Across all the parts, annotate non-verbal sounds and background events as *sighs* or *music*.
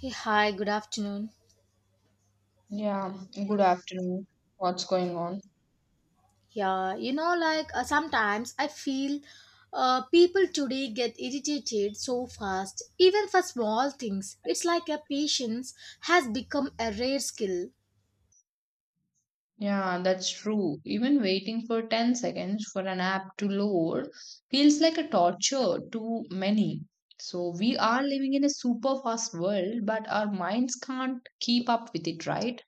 Hey, hi, good afternoon. Yeah, good afternoon. What's going on? Yeah, like sometimes I feel people today get irritated so fast, even for small things. It's like a patience has become a rare skill. Yeah, that's true. Even waiting for 10 seconds for an app to load feels like a torture to many. So we are living in a super fast world, but our minds can't keep up with it, right?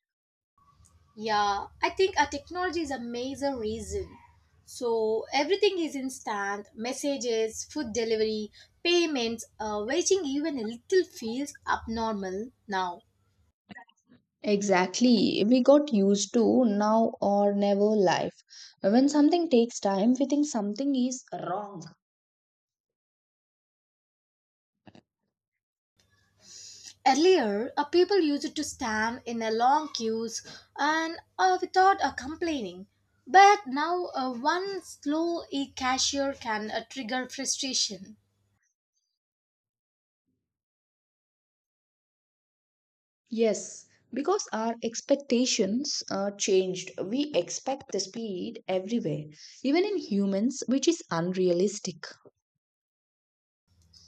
Yeah, I think our technology is a major reason. So everything is instant messages, food delivery, payments, waiting even a little feels abnormal now. Exactly. We got used to now or never life. When something takes time, we think something is wrong. Earlier, a people used to stand in a long queues and without a complaining. But now, one slow e-cashier can trigger frustration. Yes, because our expectations changed. We expect the speed everywhere, even in humans, which is unrealistic.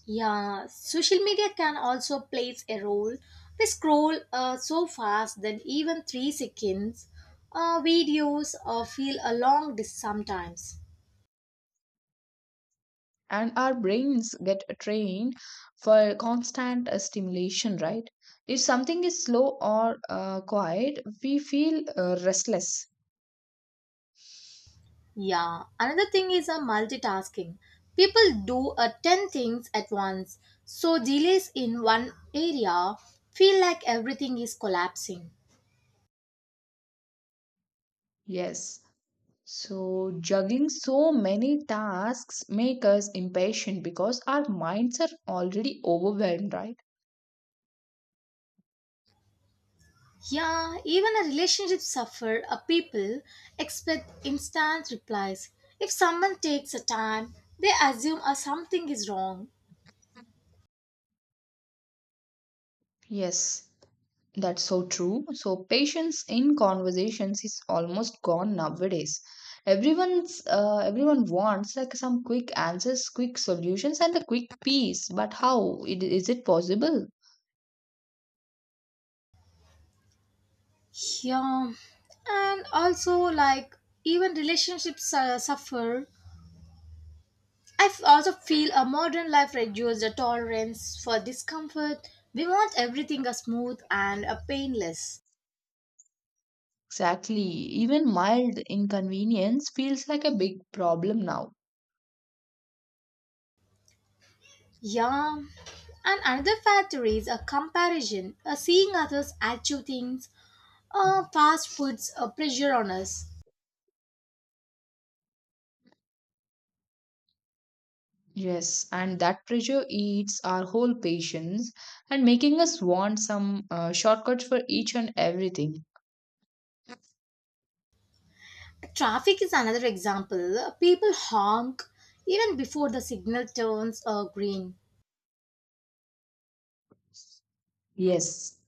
Yeah, social media can also plays a role. We scroll so fast that even 3 seconds videos feel a long dis sometimes. And our brains get trained for constant stimulation, right? If something is slow or quiet, we feel restless. Yeah, another thing is a multitasking. People do a 10 things at once, so delays in one area feel like everything is collapsing. Yes. So, juggling so many tasks make us impatient because our minds are already overwhelmed, right? Yeah, even a relationship suffer a people expect instant replies. If someone takes a time, they assume a something is wrong. Yes. That's so true. So, patience in conversations is almost gone nowadays. Everyone wants like some quick answers, quick solutions, and a quick peace. But is it possible? Yeah, and also like even relationships suffer. I also feel a modern life reduces the tolerance for discomfort. We want everything a smooth and a painless. Exactly. Even mild inconvenience feels like a big problem now. Yeah. And another factor is a comparison, a seeing others achieve things, or fast foods a pressure on us. Yes, and that pressure eats our whole patience and making us want some shortcuts for each and everything. Traffic is another example. People honk even before the signal turns green. Yes,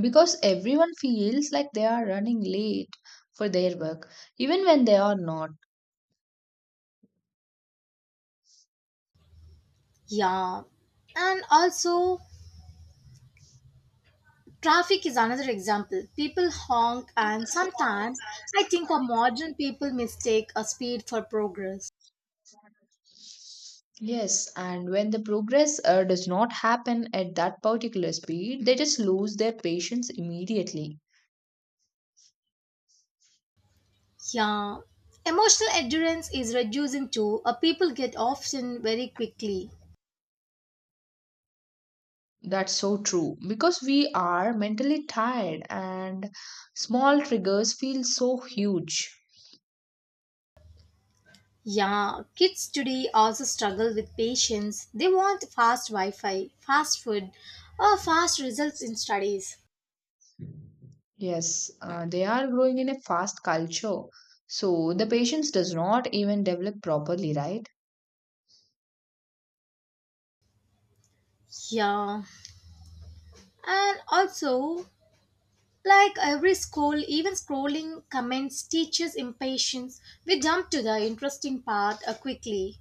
because everyone feels like they are running late for their work, even when they are not. Yeah. And also, traffic is another example. People honk, and sometimes I think our modern people mistake a speed for progress. Yes, and when the progress does not happen at that particular speed, they just lose their patience immediately. Yeah. Emotional endurance is reducing too. People get often very quickly. That's so true because we are mentally tired and small triggers feel so huge. Yeah, kids today also struggle with patience. They want fast Wi Fi, fast food, or fast results in studies. Yes, they are growing in a fast culture. So the patience does not even develop properly, right? Yeah, and also like every scroll, even scrolling comments teaches impatience. We jump to the interesting part quickly.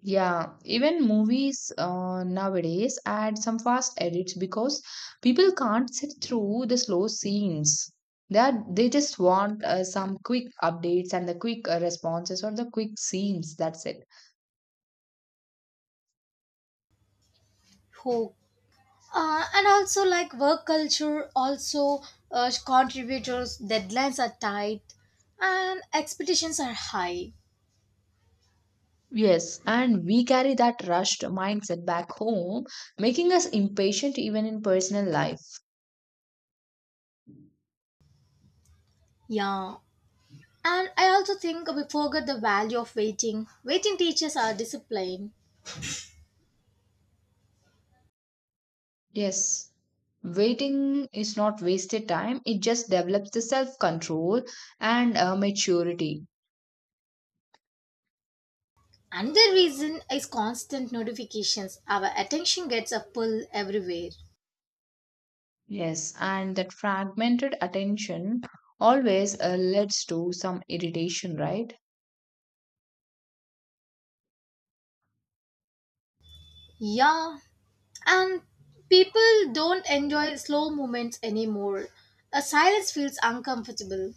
Yeah, even movies nowadays add some fast edits because people can't sit through the slow scenes. They just want some quick updates and the quick responses or the quick scenes. That's it. Who? And also like work culture also contributors deadlines are tight and expectations are high. Yes, and we carry that rushed mindset back home, making us impatient even in personal life. Yeah, and I also think we forget the value of waiting. Waiting teaches our discipline. Yes. Waiting is not wasted time, it just develops the self control and maturity. Another reason is constant notifications. Our attention gets a pull everywhere. Yes, and that fragmented attention always leads to some irritation, right? Yeah. And people don't enjoy slow moments anymore. A silence feels uncomfortable.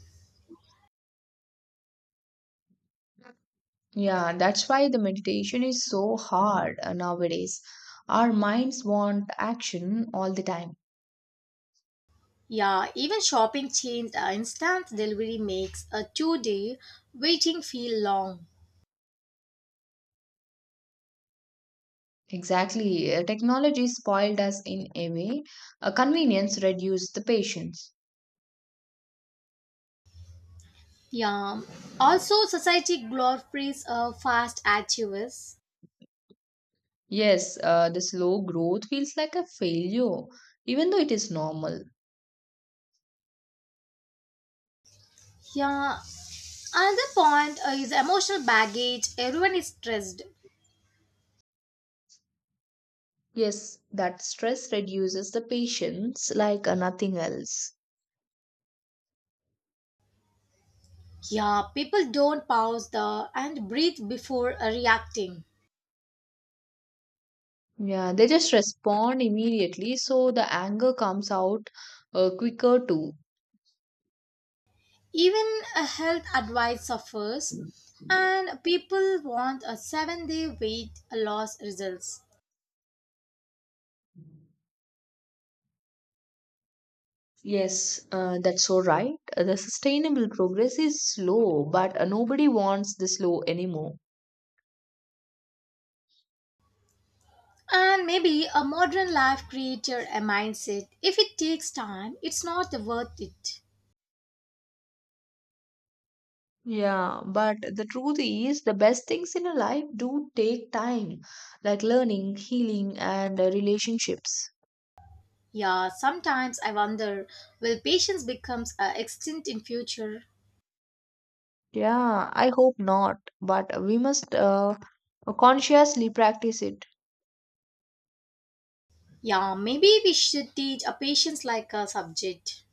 Yeah, that's why the meditation is so hard nowadays. Our minds want action all the time. Yeah, even shopping changed. Instant delivery makes a 2-day waiting feel long. Exactly. Technology spoiled us in a way. Convenience reduced the patience. Yeah. Also, society glorifies fast activists. Yes, the slow growth feels like a failure, even though it is normal. Yeah. Another point is emotional baggage. Everyone is stressed. Yes, that stress reduces the patience like nothing else. Yeah, people don't pause the and breathe before reacting. Yeah, they just respond immediately, so the anger comes out quicker too. Even a health advice suffers, and people want a 7-day weight loss results. Yes, that's so right. The sustainable progress is slow, but nobody wants the slow anymore. And maybe a modern life creator a mindset. If it takes time, it's not worth it. Yeah, but the truth is, the best things in a life do take time, like learning, healing, and relationships. Yeah, sometimes I wonder, will patience becomes extinct in future? Yeah, I hope not, but we must consciously practice it. Yeah, maybe we should teach a patience like a subject.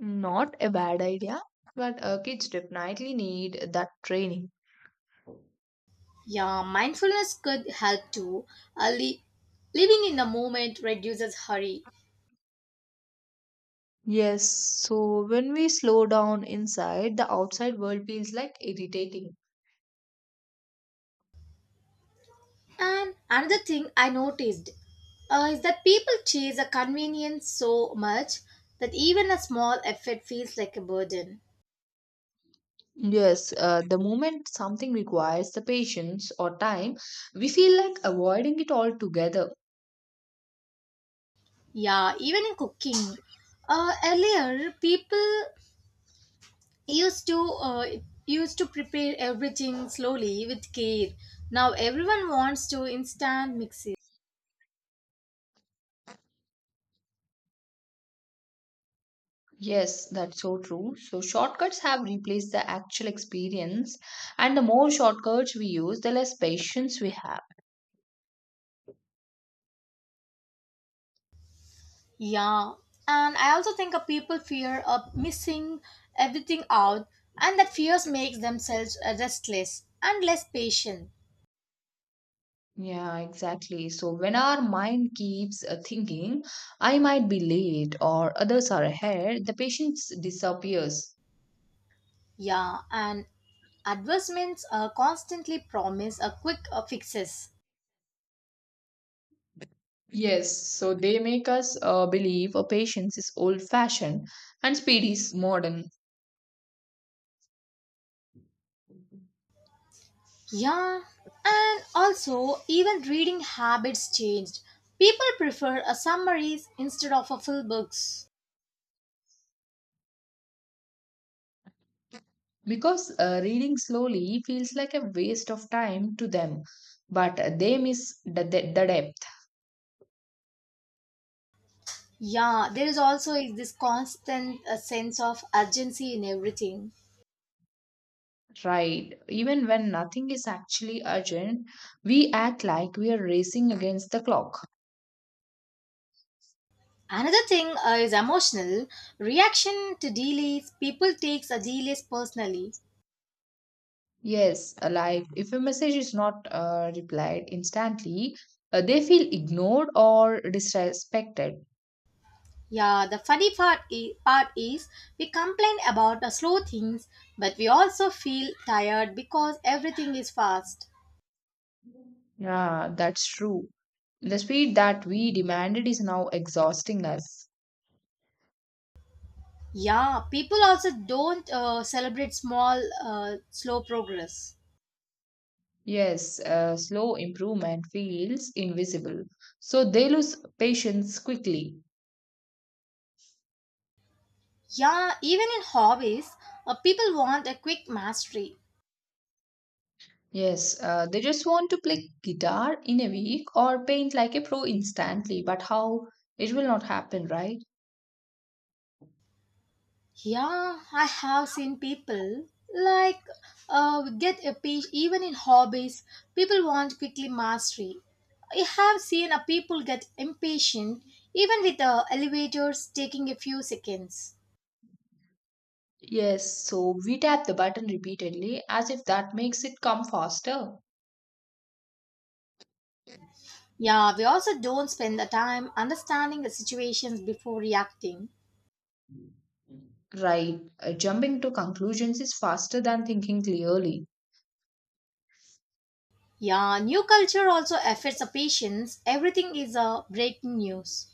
Not a bad idea, but kids definitely need that training. Yeah, mindfulness could help too. Uh, li- living in the moment reduces hurry. Yes, so when we slow down inside, the outside world feels like irritating. And another thing I noticed is that people chase a convenience so much that even a small effort feels like a burden. Yes, the moment something requires the patience or time, we feel like avoiding it altogether. Yeah, even in cooking. Earlier, people used to uh, used to prepare everything slowly with care. Now everyone wants to instant mixes. Yes, that's so true. So, shortcuts have replaced the actual experience, and the more shortcuts we use, the less patience we have. Yeah, and I also think of people fear of missing everything out, and that fears makes themselves restless and less patient. Yeah, exactly. So, when our mind keeps thinking, I might be late or others are ahead, the patience disappears. Yeah, and advertisements constantly promise a quick fixes. Yes, so they make us believe a patience is old fashioned and speed is modern. Yeah, and also even reading habits changed. People prefer a summaries instead of a full books. Because reading slowly feels like a waste of time to them, but they miss the depth. Yeah, there is also is this constant sense of urgency in everything. Right. Even when nothing is actually urgent, we act like we are racing against the clock. Another thing is emotional reaction to delays. People takes a delays personally. Yes, like if a message is not replied instantly, they feel ignored or disrespected. Yeah, the funny part is we complain about the slow things, but we also feel tired because everything is fast. Yeah, that's true. The speed that we demanded is now exhausting us. Yeah, people also don't celebrate small, slow progress. Yes, slow improvement feels invisible. So they lose patience quickly. Yeah, even in hobbies, people want a quick mastery. Yes, they just want to play guitar in a week or paint like a pro instantly, but how it will not happen, right? Yeah, I have seen people like get a page even in hobbies. People want quickly mastery. I have seen a people get impatient even with elevators taking a few seconds. Yes, so we tap the button repeatedly as if that makes it come faster. Yeah, we also don't spend the time understanding the situations before reacting. Right. Jumping to conclusions is faster than thinking clearly. Yeah, new culture also affects the patience. Everything is a breaking news.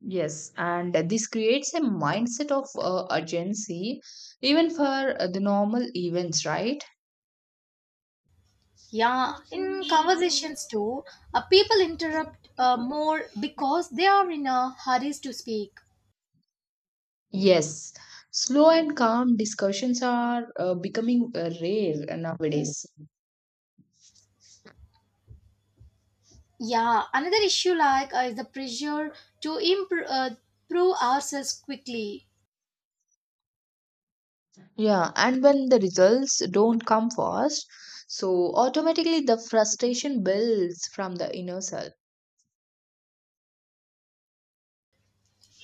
Yes. And this creates a mindset of urgency, even for the normal events, right? Yeah, in conversations too, people interrupt more because they are in a hurry to speak. Yes. Slow and calm discussions are becoming rare nowadays. Yeah, another issue like is the pressure to prove ourselves quickly. Yeah. And when the results don't come fast, so automatically the frustration builds from the inner self.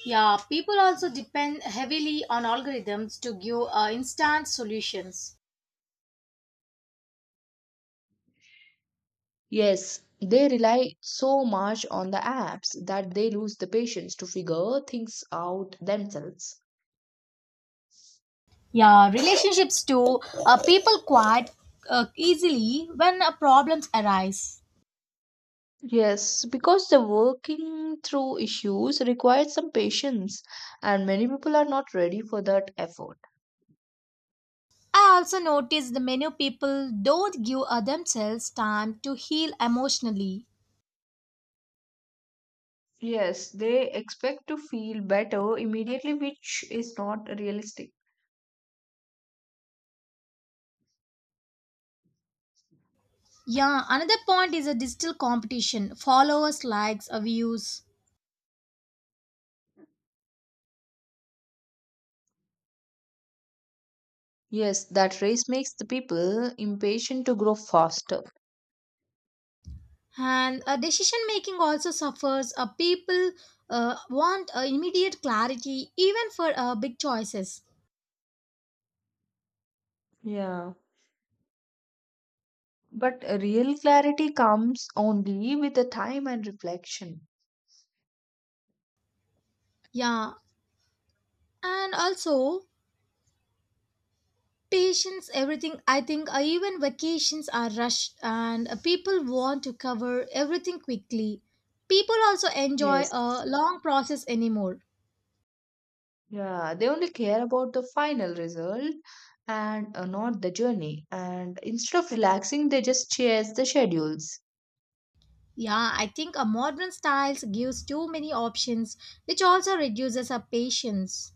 Yeah, people also depend heavily on algorithms to give instant solutions. Yes, they rely so much on the apps that they lose the patience to figure things out themselves. Yeah, relationships too. People quite easily when problems arise. Yes, because the working through issues requires some patience, and many people are not ready for that effort. I also noticed the menu people don't give themselves time to heal emotionally. Yes, they expect to feel better immediately, which is not realistic. Yeah, another point is a digital competition. Followers, likes, views, Yes, that race makes the people impatient to grow faster. and decision making also suffers. People want immediate clarity, even for big choices. Yeah. But real clarity comes only with the time and reflection. Yeah, and also patience, everything. I think even vacations are rushed and people want to cover everything quickly. People also enjoy Yes. a long process anymore. Yeah, they only care about the final result and not the journey. And instead of relaxing, they just chase the schedules. Yeah, I think a modern styles gives too many options, which also reduces our patience.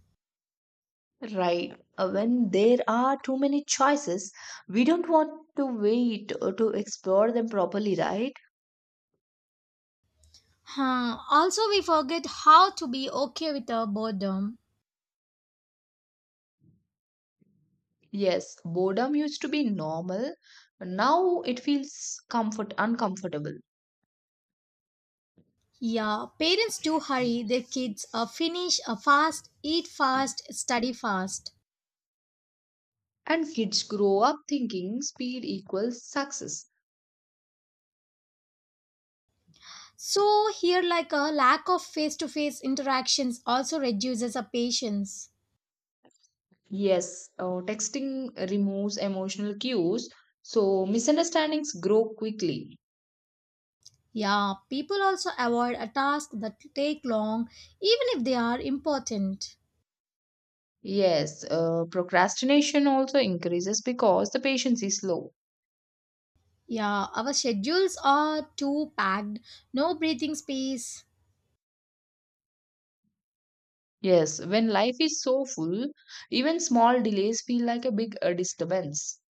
Right. When there are too many choices, we don't want to wait or to explore them properly, right? Huh. Also, we forget how to be okay with our boredom. Yes, boredom used to be normal. Now it feels comfort uncomfortable. Yeah, parents do hurry their kids. Finish fast, eat fast, study fast. And kids grow up thinking speed equals success. So here like a lack of face-to-face interactions also reduces a patience. Yes, texting removes emotional cues, so misunderstandings grow quickly. Yeah, people also avoid a task that take long even if they are important. Yes, procrastination also increases because the patience is low. Yeah, our schedules are too packed, no breathing space, Yes, when life is so full, even small delays feel like a big disturbance.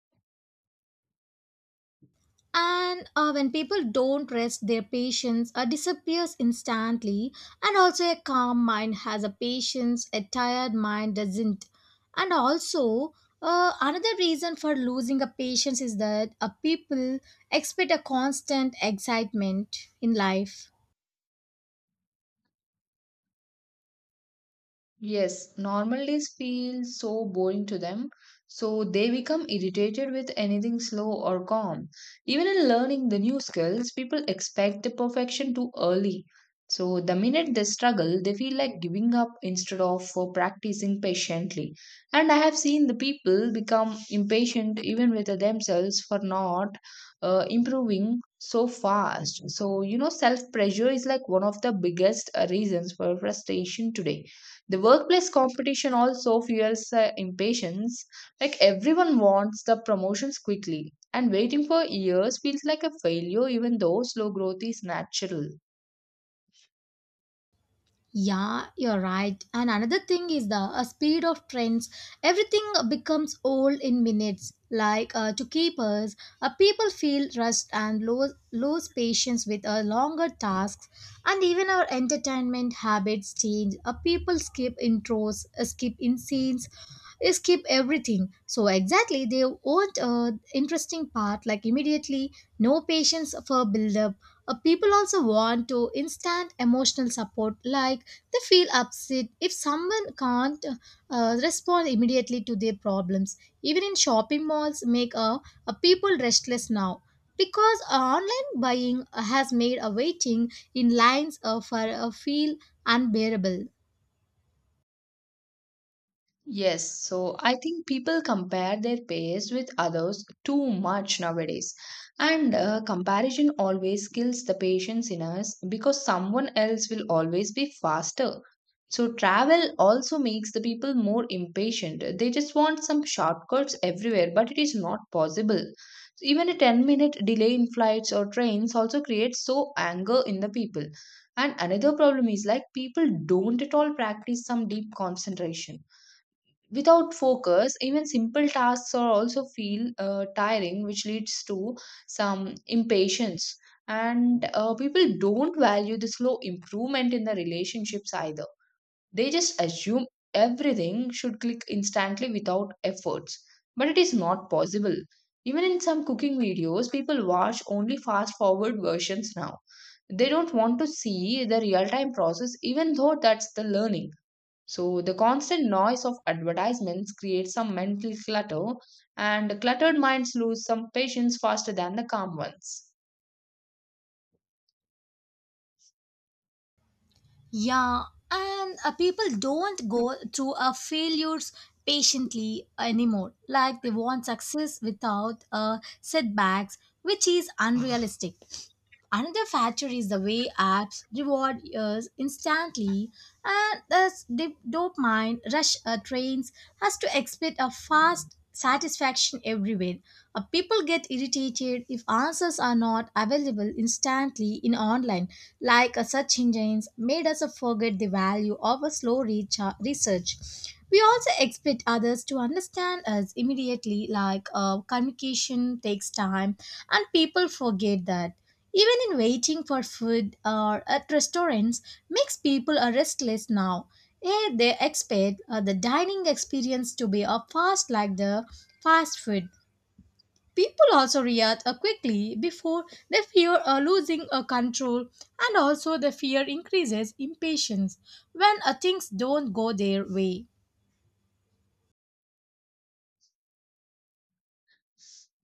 and when people don't rest their patience disappears instantly. And also a calm mind has a patience, a tired mind doesn't. And also another reason for losing a patience is that people expect a constant excitement in life. Yes, normal days feel so boring to them, so they become irritated with anything slow or calm. Even in learning the new skills, people expect the perfection too early. So the minute they struggle, they feel like giving up instead of practicing patiently. And I have seen the people become impatient even with themselves for not improving so fast. So, self pressure is like one of the biggest reasons for frustration today. The workplace competition also fuels impatience. Like everyone wants the promotions quickly, and waiting for years feels like a failure, even though slow growth is natural. Yeah, you're right. And another thing is the speed of trends. Everything becomes old in minutes. Like to keepers, us, people feel rushed and lose patience with longer tasks. And even our entertainment habits change. People skip intros, skip in scenes, skip everything. So exactly, they want interesting part like immediately. No patience for build up. People also want to instant emotional support, like they feel upset if someone can't respond immediately to their problems. Even in shopping malls, make people restless now because online buying has made a waiting in lines for feel unbearable. Yes, so I think people compare their pace with others too much nowadays. And comparison always kills the patience in us because someone else will always be faster. So travel also makes the people more impatient. They just want some shortcuts everywhere, but it is not possible. Even a 10-minute delay in flights or trains also creates so anger in the people. And another problem is like people don't at all practice some deep concentration. Without focus, even simple tasks are also feel tiring, which leads to some impatience. And people don't value the slow improvement in the relationships either. They just assume everything should click instantly without efforts. But it is not possible. Even in some cooking videos, people watch only fast forward versions now. They don't want to see the real time process, even though that's the learning. So the constant noise of advertisements creates some mental clutter, and cluttered minds lose some patience faster than the calm ones. Yeah, and people don't go through failures patiently anymore. Like they want success without setbacks, which is *sighs* unrealistic. Another factor is the way apps reward us instantly, and thus the dopamine rush trains us to expect a fast satisfaction everywhere. People get irritated if answers are not available instantly in online, like search engines made us forget the value of a slow research. We also expect others to understand us immediately, like communication takes time, and people forget that. Even in waiting for food or at restaurants makes people are restless now. They expect the dining experience to be a fast like the fast food. People also react quickly before they fear losing control. And also the fear increases impatience when things don't go their way.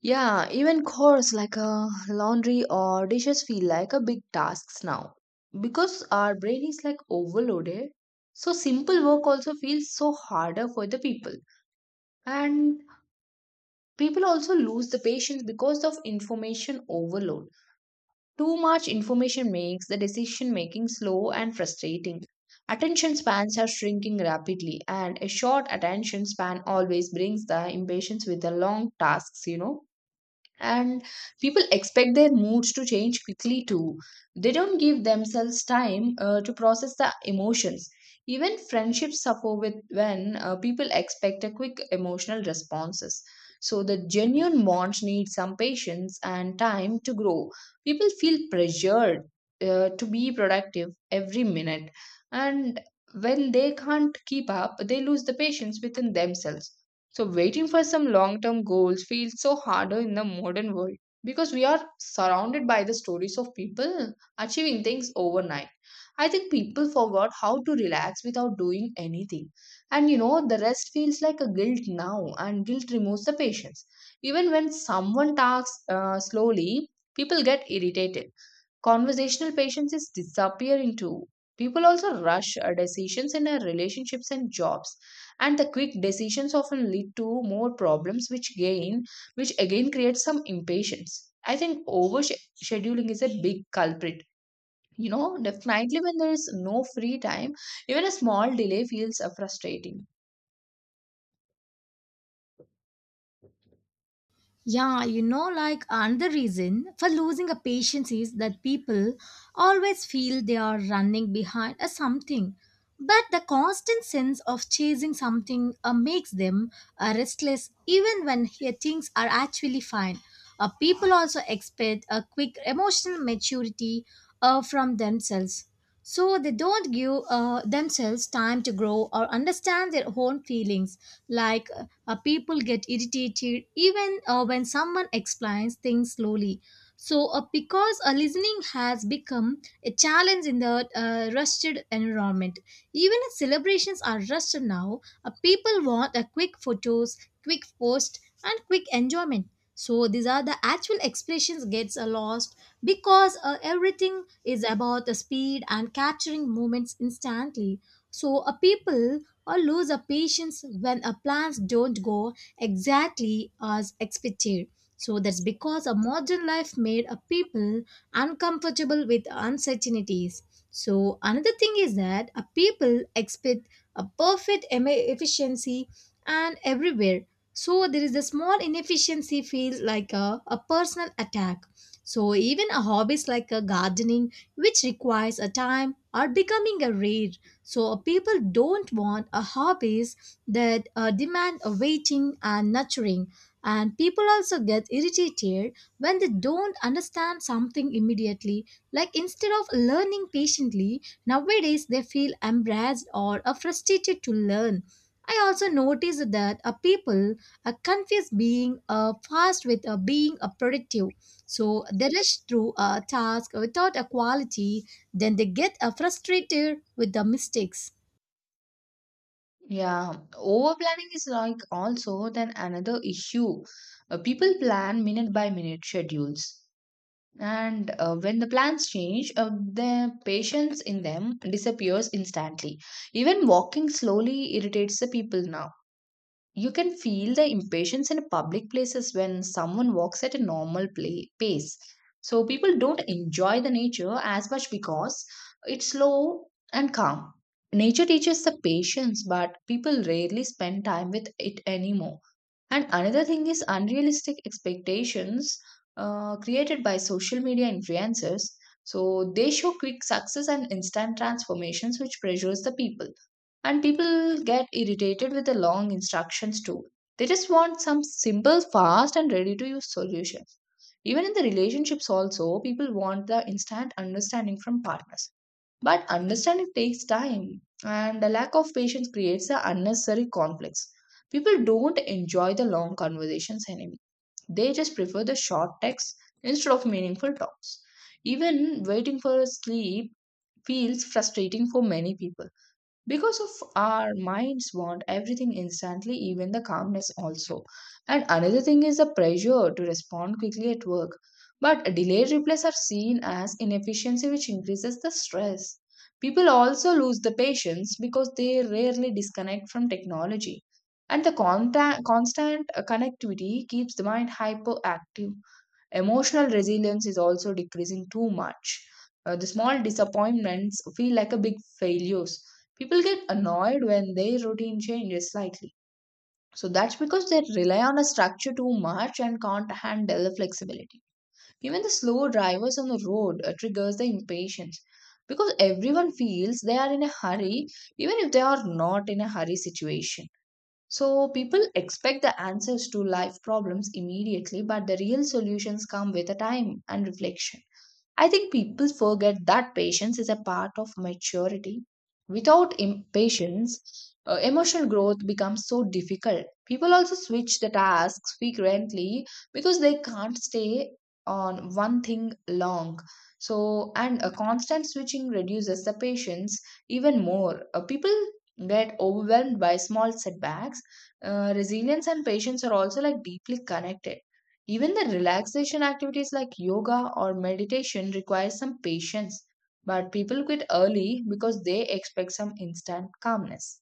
Yeah, even chores like laundry or dishes feel like a big tasks now because our brain is like overloaded. So simple work also feels so harder for the people, and people also lose the patience because of information overload. Too much information makes the decision making slow and frustrating. Attention spans are shrinking rapidly, and a short attention span always brings the impatience with the long tasks, and people expect their moods to change quickly too. They don't give themselves time to process the emotions. Even friendships suffer with when people expect a quick emotional responses, so the genuine bonds need some patience and time to grow. People feel pressured to be productive every minute, and when they can't keep up they lose the patience within themselves. So, waiting for some long term goals feels so harder in the modern world because we are surrounded by the stories of people achieving things overnight. I think people forgot how to relax without doing anything. And the rest feels like a guilt now, and guilt removes the patience. Even when someone talks slowly, people get irritated. Conversational patience is disappearing too. People also rush decisions in their relationships and jobs, and the quick decisions often lead to more problems, which again creates some impatience. I think over scheduling is a big culprit. Definitely when there is no free time, even a small delay feels frustrating. Yeah, like another reason for losing a patience is that people always feel they are running behind a something. But the constant sense of chasing something makes them restless even when here things are actually fine. People also expect a quick emotional maturity from themselves, so they don't give themselves time to grow or understand their own feelings. Like people get irritated even when someone explains things slowly. So because listening has become a challenge in the rushed environment, even if celebrations are rushed now, people want a quick photos, quick post, and quick enjoyment. So these are the actual expressions gets lost because everything is about the speed and capturing moments instantly. So, a people or lose a patience when a plans don't go exactly as expected. So that's because a modern life made a people uncomfortable with uncertainties. So another thing is that a people expect a perfect efficiency and everywhere. So there is a small inefficiency feels like a personal attack. So even a hobbies like a gardening, which requires a time, are becoming a rare. So people don't want a hobbies that demand a waiting and nurturing. And people also get irritated when they don't understand something immediately. Like instead of learning patiently, nowadays they feel embarrassed or frustrated to learn. I also noticed that a people are confused being fast with being a productive, so they rush through a task without a quality, then they get frustrated with the mistakes. Yeah, over planning is like also then another issue. People plan minute by minute schedules. And when the plans change the patience in them disappears instantly. Even walking slowly irritates the people now. You can feel the impatience in public places when someone walks at a normal pace. So people don't enjoy the nature as much because it's slow and calm. Nature teaches the patience, but people rarely spend time with it anymore. And another thing is unrealistic expectations created by social media influencers. So they show quick success and instant transformations, which pressures the people. And people get irritated with the long instructions too. They just want some simple, fast, and ready to use solutions. Even in the relationships, also, people want the instant understanding from partners. But understanding takes time, and the lack of patience creates the unnecessary conflicts. People don't enjoy the long conversations anymore. They just prefer the short texts instead of meaningful talks. Even waiting for sleep feels frustrating for many people because of our minds want everything instantly, even the calmness also. And another thing is the pressure to respond quickly at work, but delayed replies are seen as inefficiency which increases the stress. People also lose the patience because they rarely disconnect from technology, and the constant connectivity keeps the mind hyperactive. Emotional resilience is also decreasing too much. The small disappointments feel like a big failures. People get annoyed when their routine changes slightly. So that's because they rely on a structure too much and can't handle the flexibility. Even the slow drivers on the road triggers the impatience because everyone feels they are in a hurry even if they are not in a hurry situation. So people expect the answers to life problems immediately, but the real solutions come with a time and reflection. I think people forget that patience is a part of maturity. Without patience, emotional growth becomes so difficult. People also switch the tasks frequently because they can't stay on one thing long. And a constant switching reduces the patience even more. People get overwhelmed by small setbacks. Resilience and patience are also like deeply connected. Even the relaxation activities like yoga or meditation require some patience, but people quit early because they expect some instant calmness.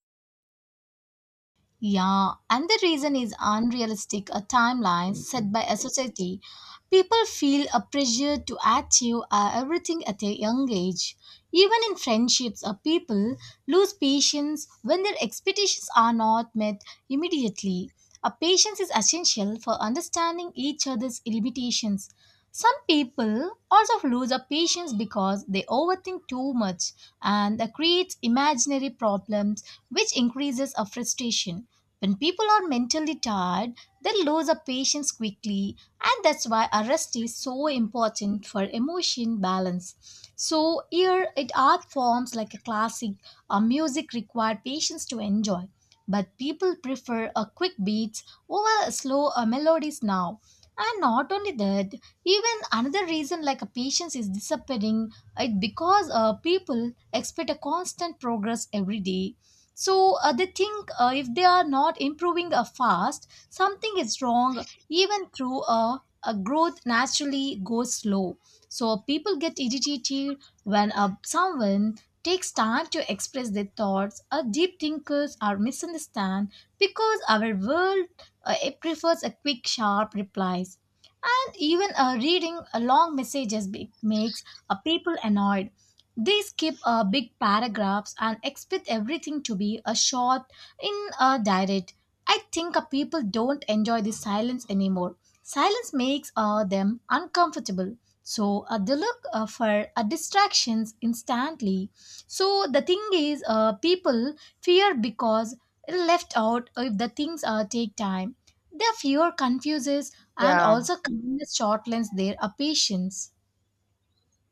Yeah, and the reason is unrealistic a timeline set by a society. People feel a pressure to achieve everything at a young age. Even in friendships, people lose patience when their expectations are not met immediately. A patience is essential for understanding each other's limitations. Some people also lose a patience because they overthink too much, and that creates imaginary problems which increases a frustration. When people are mentally tired, they lose their patience quickly, and that's why a rest is so important for emotion balance. So here, it art forms like a classic or music require patience to enjoy, but people prefer a quick beats over slow melodies now. And not only that, even another reason like a patience is disappearing it because people expect a constant progress every day, so they think if they are not improving fast, something is wrong, even through a growth naturally goes slow. So people get irritated when someone takes time to express their thoughts. Deep thinkers are misunderstood because our world it prefers a quick, sharp replies. And even reading long messages makes people annoyed. They skip big paragraphs and expect everything to be a short in a direct. I think people don't enjoy the silence anymore. Silence makes them uncomfortable. So they look for distractions instantly. So the thing is, people fear because they're left out if the things take time. Their fear confuses, and Yeah, also kindness shortlens their patience.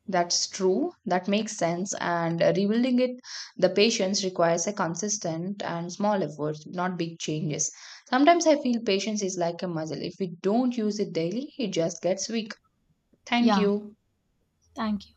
that's true. That makes sense. And rebuilding it, the patience requires a consistent and small effort, not big changes. Sometimes I feel patience is like a muscle. If we don't use it daily, it just gets weak. Thank Yeah, you. thank you.